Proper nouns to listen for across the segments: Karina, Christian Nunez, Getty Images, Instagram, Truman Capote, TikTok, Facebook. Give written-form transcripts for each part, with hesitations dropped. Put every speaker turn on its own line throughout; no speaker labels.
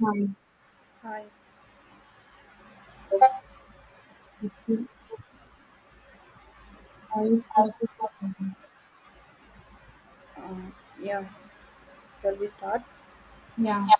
I
Hi.
I started to think.
Um, yeah. Shall we start?
Yeah,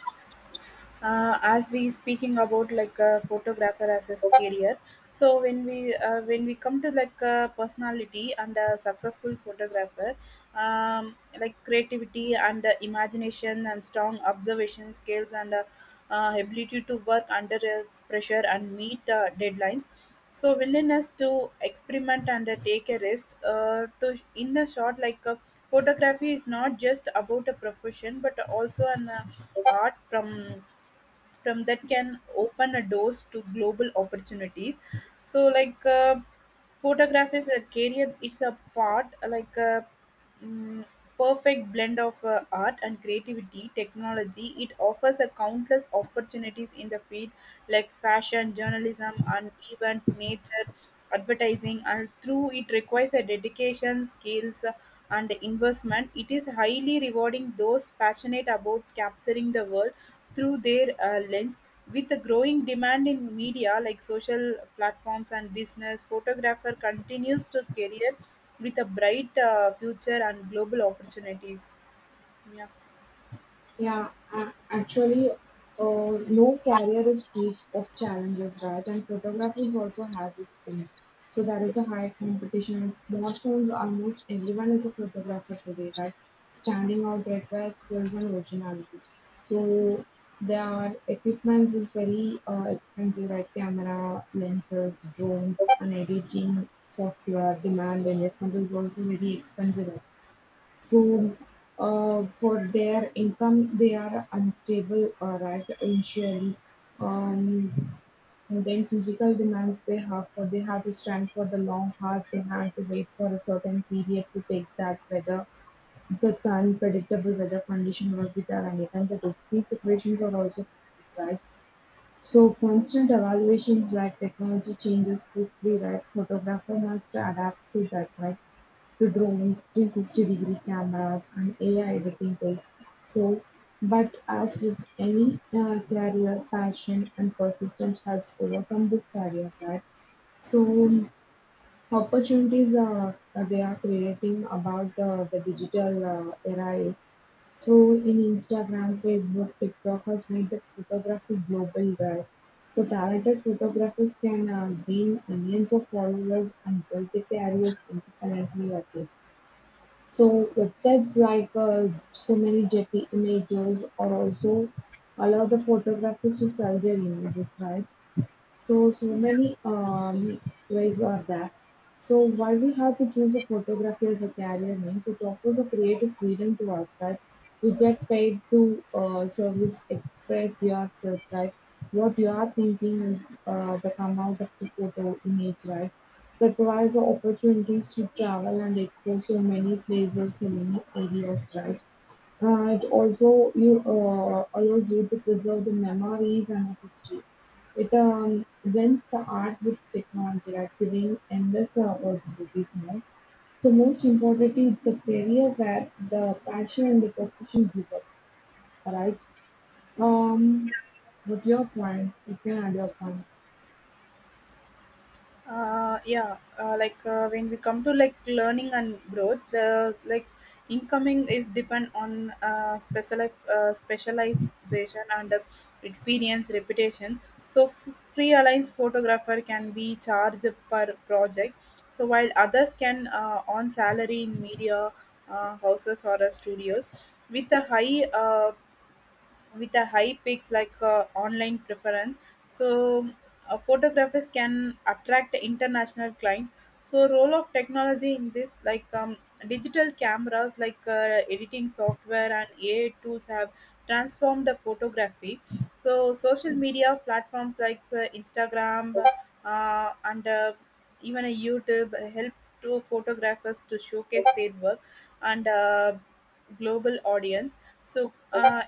As we speaking about like a photographer as his career, so when we come to like a personality and a successful photographer, um, like creativity and imagination and strong observation skills and ability to work under pressure and meet deadlines, so willingness to experiment and take a risk to in the short like photography is not just about a profession but also an art from that can open a doors to global opportunities. So like photograph is a career, it's a part like a mm, perfect blend of art and creativity technology. It offers a countless opportunities in the field like fashion, journalism, and event, nature, advertising, and through it requires a dedication skills and investment. It is highly rewarding those passionate about capturing the world through their lens. With the growing demand in media like social platforms and business, photographer continues to career with a bright future and global opportunities. Yeah.
yeah. Actually, no career is free of challenges, right? And photography also has its own. So there is a high competition on smartphones. Almost everyone is a photographer today, right? Standing out requires skills and originality. So their equipment is very expensive, right? Camera, lenses, drones, and editing software demand investment is also very expensive, right? So, for their income, they are unstable, right, initially. Um, and then physical demands they have for they have to stand for the long hours, they have to wait for a certain period to take that weather, the unpredictable weather condition will be there, and even the risky situations are also families, right? So constant evaluations like technology changes quickly, right? Photographer has to adapt to that, right? To drones, 360-degree cameras, and AI editing tools. So, but as with any career, passion and persistence helps overcome this barrier, right? So opportunities they are creating about the digital era is, so in Instagram, Facebook, TikTok has made the photography global, right? So talented photographers can gain millions of followers and build their careers independently. Okay. So websites like so many Getty images or also allow the photographers to sell their images, right? So, so many ways are there. So, why we have to choose a photography as a career means it offers a creative freedom to us, right? You get paid to service, express yourself, right? What you are thinking is the come out of the photo image, right? So, it provides the opportunities to travel and explore so many places, so many areas, right? It also you allows you to preserve the memories and the history. It blends the art with technology, like giving endless possibilities now. So most importantly, it's a career where the passion and the profession give up. All right. Um, but your point, you can add your point.
Yeah like when we come to like learning and growth, like incoming is depend on specialization and experience, reputation. So freelance photographer can be charged per project, so while others can on salary in media houses or studios with a high peaks like online preference. So photographers can attract international client. So role of technology in this like digital cameras, like editing software and ai tools, have transformed the photography. So social media platforms like instagram and even a youtube help to photographers to showcase their work and global audience. So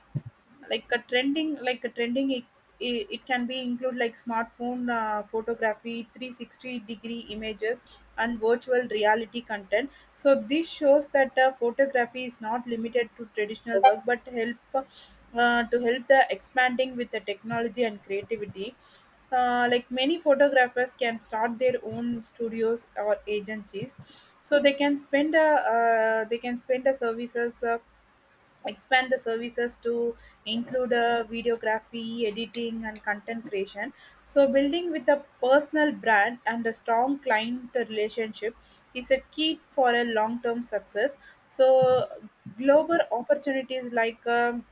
like a trending, it can be include like smartphone photography, 360-degree images and virtual reality content. So this shows that photography is not limited to traditional work but help to help the expanding with the technology and creativity. Like many photographers can start their own studios or agencies, so they can spend a services, expand the services to include videography, editing, and content creation. So building with a personal brand and a strong client relationship is a key for a long term success. So global opportunities like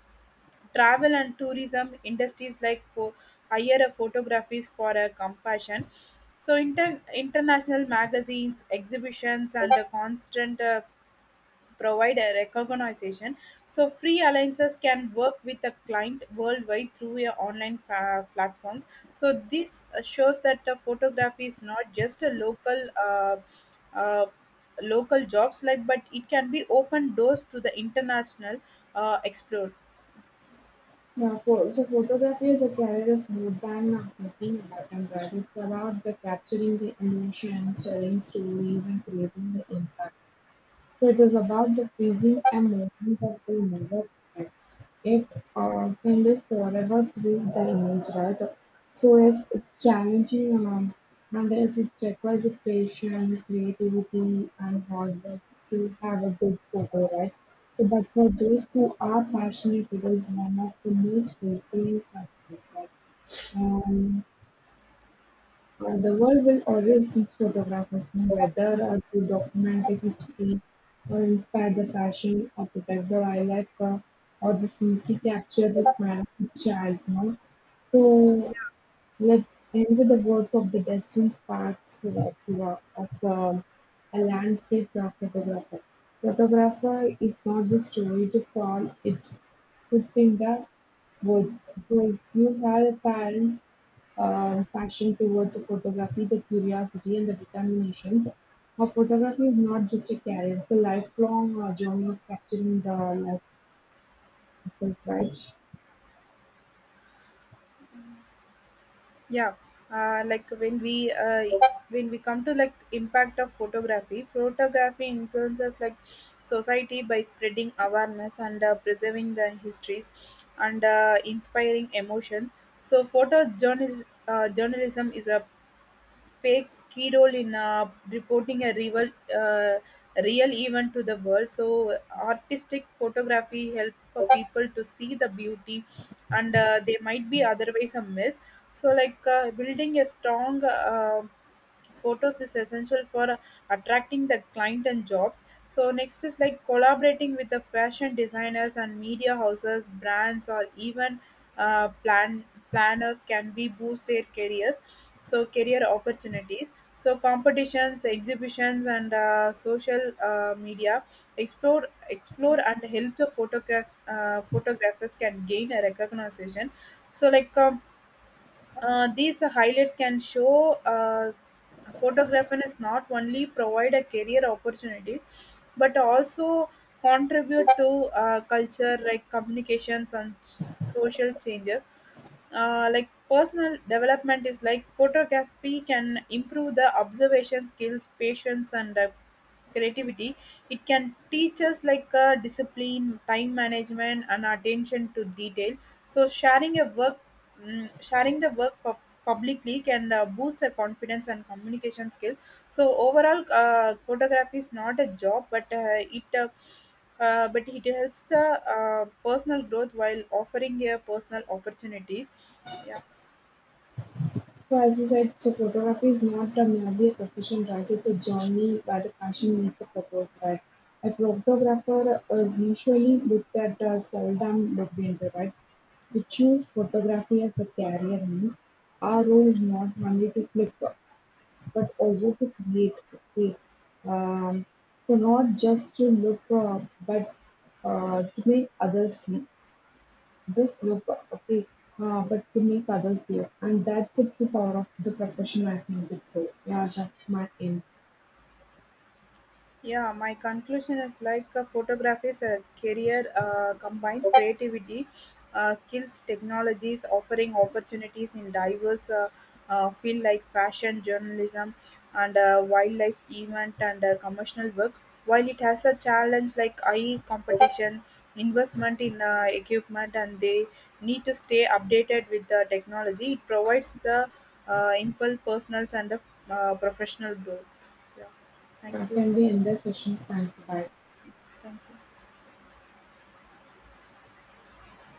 travel and tourism industries like for hire a photographies for a compassion. So international magazines, exhibitions, and a constant provide a recognition. So free alliances can work with a client worldwide through your online platforms. So this shows that photography is not just a local uh, local jobs like, but it can be open doors to the international explore.
Yeah, for, so photography as a career is more than looking back and that it's about the capturing the emotions, telling stories, and creating the impact. So it is about the freezing and movement that will never end. It can live forever through the image, right? So yes, it's challenging, and yes, it requires a patience, creativity and hard work to have a good photo, right? So, but for those who are passionate, it is one of the most fulfilling aspects, right? Um, The world will always seek photographers who whether are to document the history or inspire the fashion or protect the wildlife or the simply capture the smile of the child, you know. So let's end with the words of the destined sparks of, of a landscape photographer. Photographer is not the story to fall, it could in the woods. So if you have a parent passion towards the photography, the curiosity, and the determination. Now, photography is not just a career, it's a lifelong journey of capturing the life itself, right?
yeah like when we come to like impact of photography, influences like society by spreading awareness and preserving the histories and inspiring emotion. So photojournalism, journalism is a play key role in reporting a uh, real event to the world. So artistic photography help for people to see the beauty, and they might be otherwise a miss. So like building a strong. Photos is essential for attracting the client and jobs. So next is like collaborating with the fashion designers and media houses, brands, or even uh, plan planners can be boost their careers. So career opportunities, so competitions, exhibitions, and social media explore and help the photographers can gain a recognition. So like these highlights can show photography is not only provide a career opportunity but also contribute to culture like communications and social changes. Like personal development is like photography can improve the observation skills, patience, and creativity. It can teach us like discipline, time management, and attention to detail. So sharing the work publicly can boost the confidence and communication skill. So overall, photography is not a job, but it helps the uh, personal growth while offering a personal opportunities. Yeah.
So, as you said, so photography is not a merely a profession, right? It's a journey where the passion meets the purpose, right? A photographer is usually looked at as seldom breadwinner, right? We choose photography as a career, no? Our role is not only to click but also to create. Okay, um, so not just to look, but to make others see. Just look, okay, but to make others see. And that's the true power of the profession. I think it's so. Yeah, that's my end.
Yeah, my conclusion is like photography is a career combines creativity, skills, technologies, offering opportunities in diverse field like fashion, journalism, and wildlife, event, and commercial work. While it has a challenge like high competition, investment in equipment, and they need to stay updated with the technology, it provides the impulse, personal, and professional growth. Yeah, thank
Yeah,
you
can we end the session? Thank you. Bye.
thank you.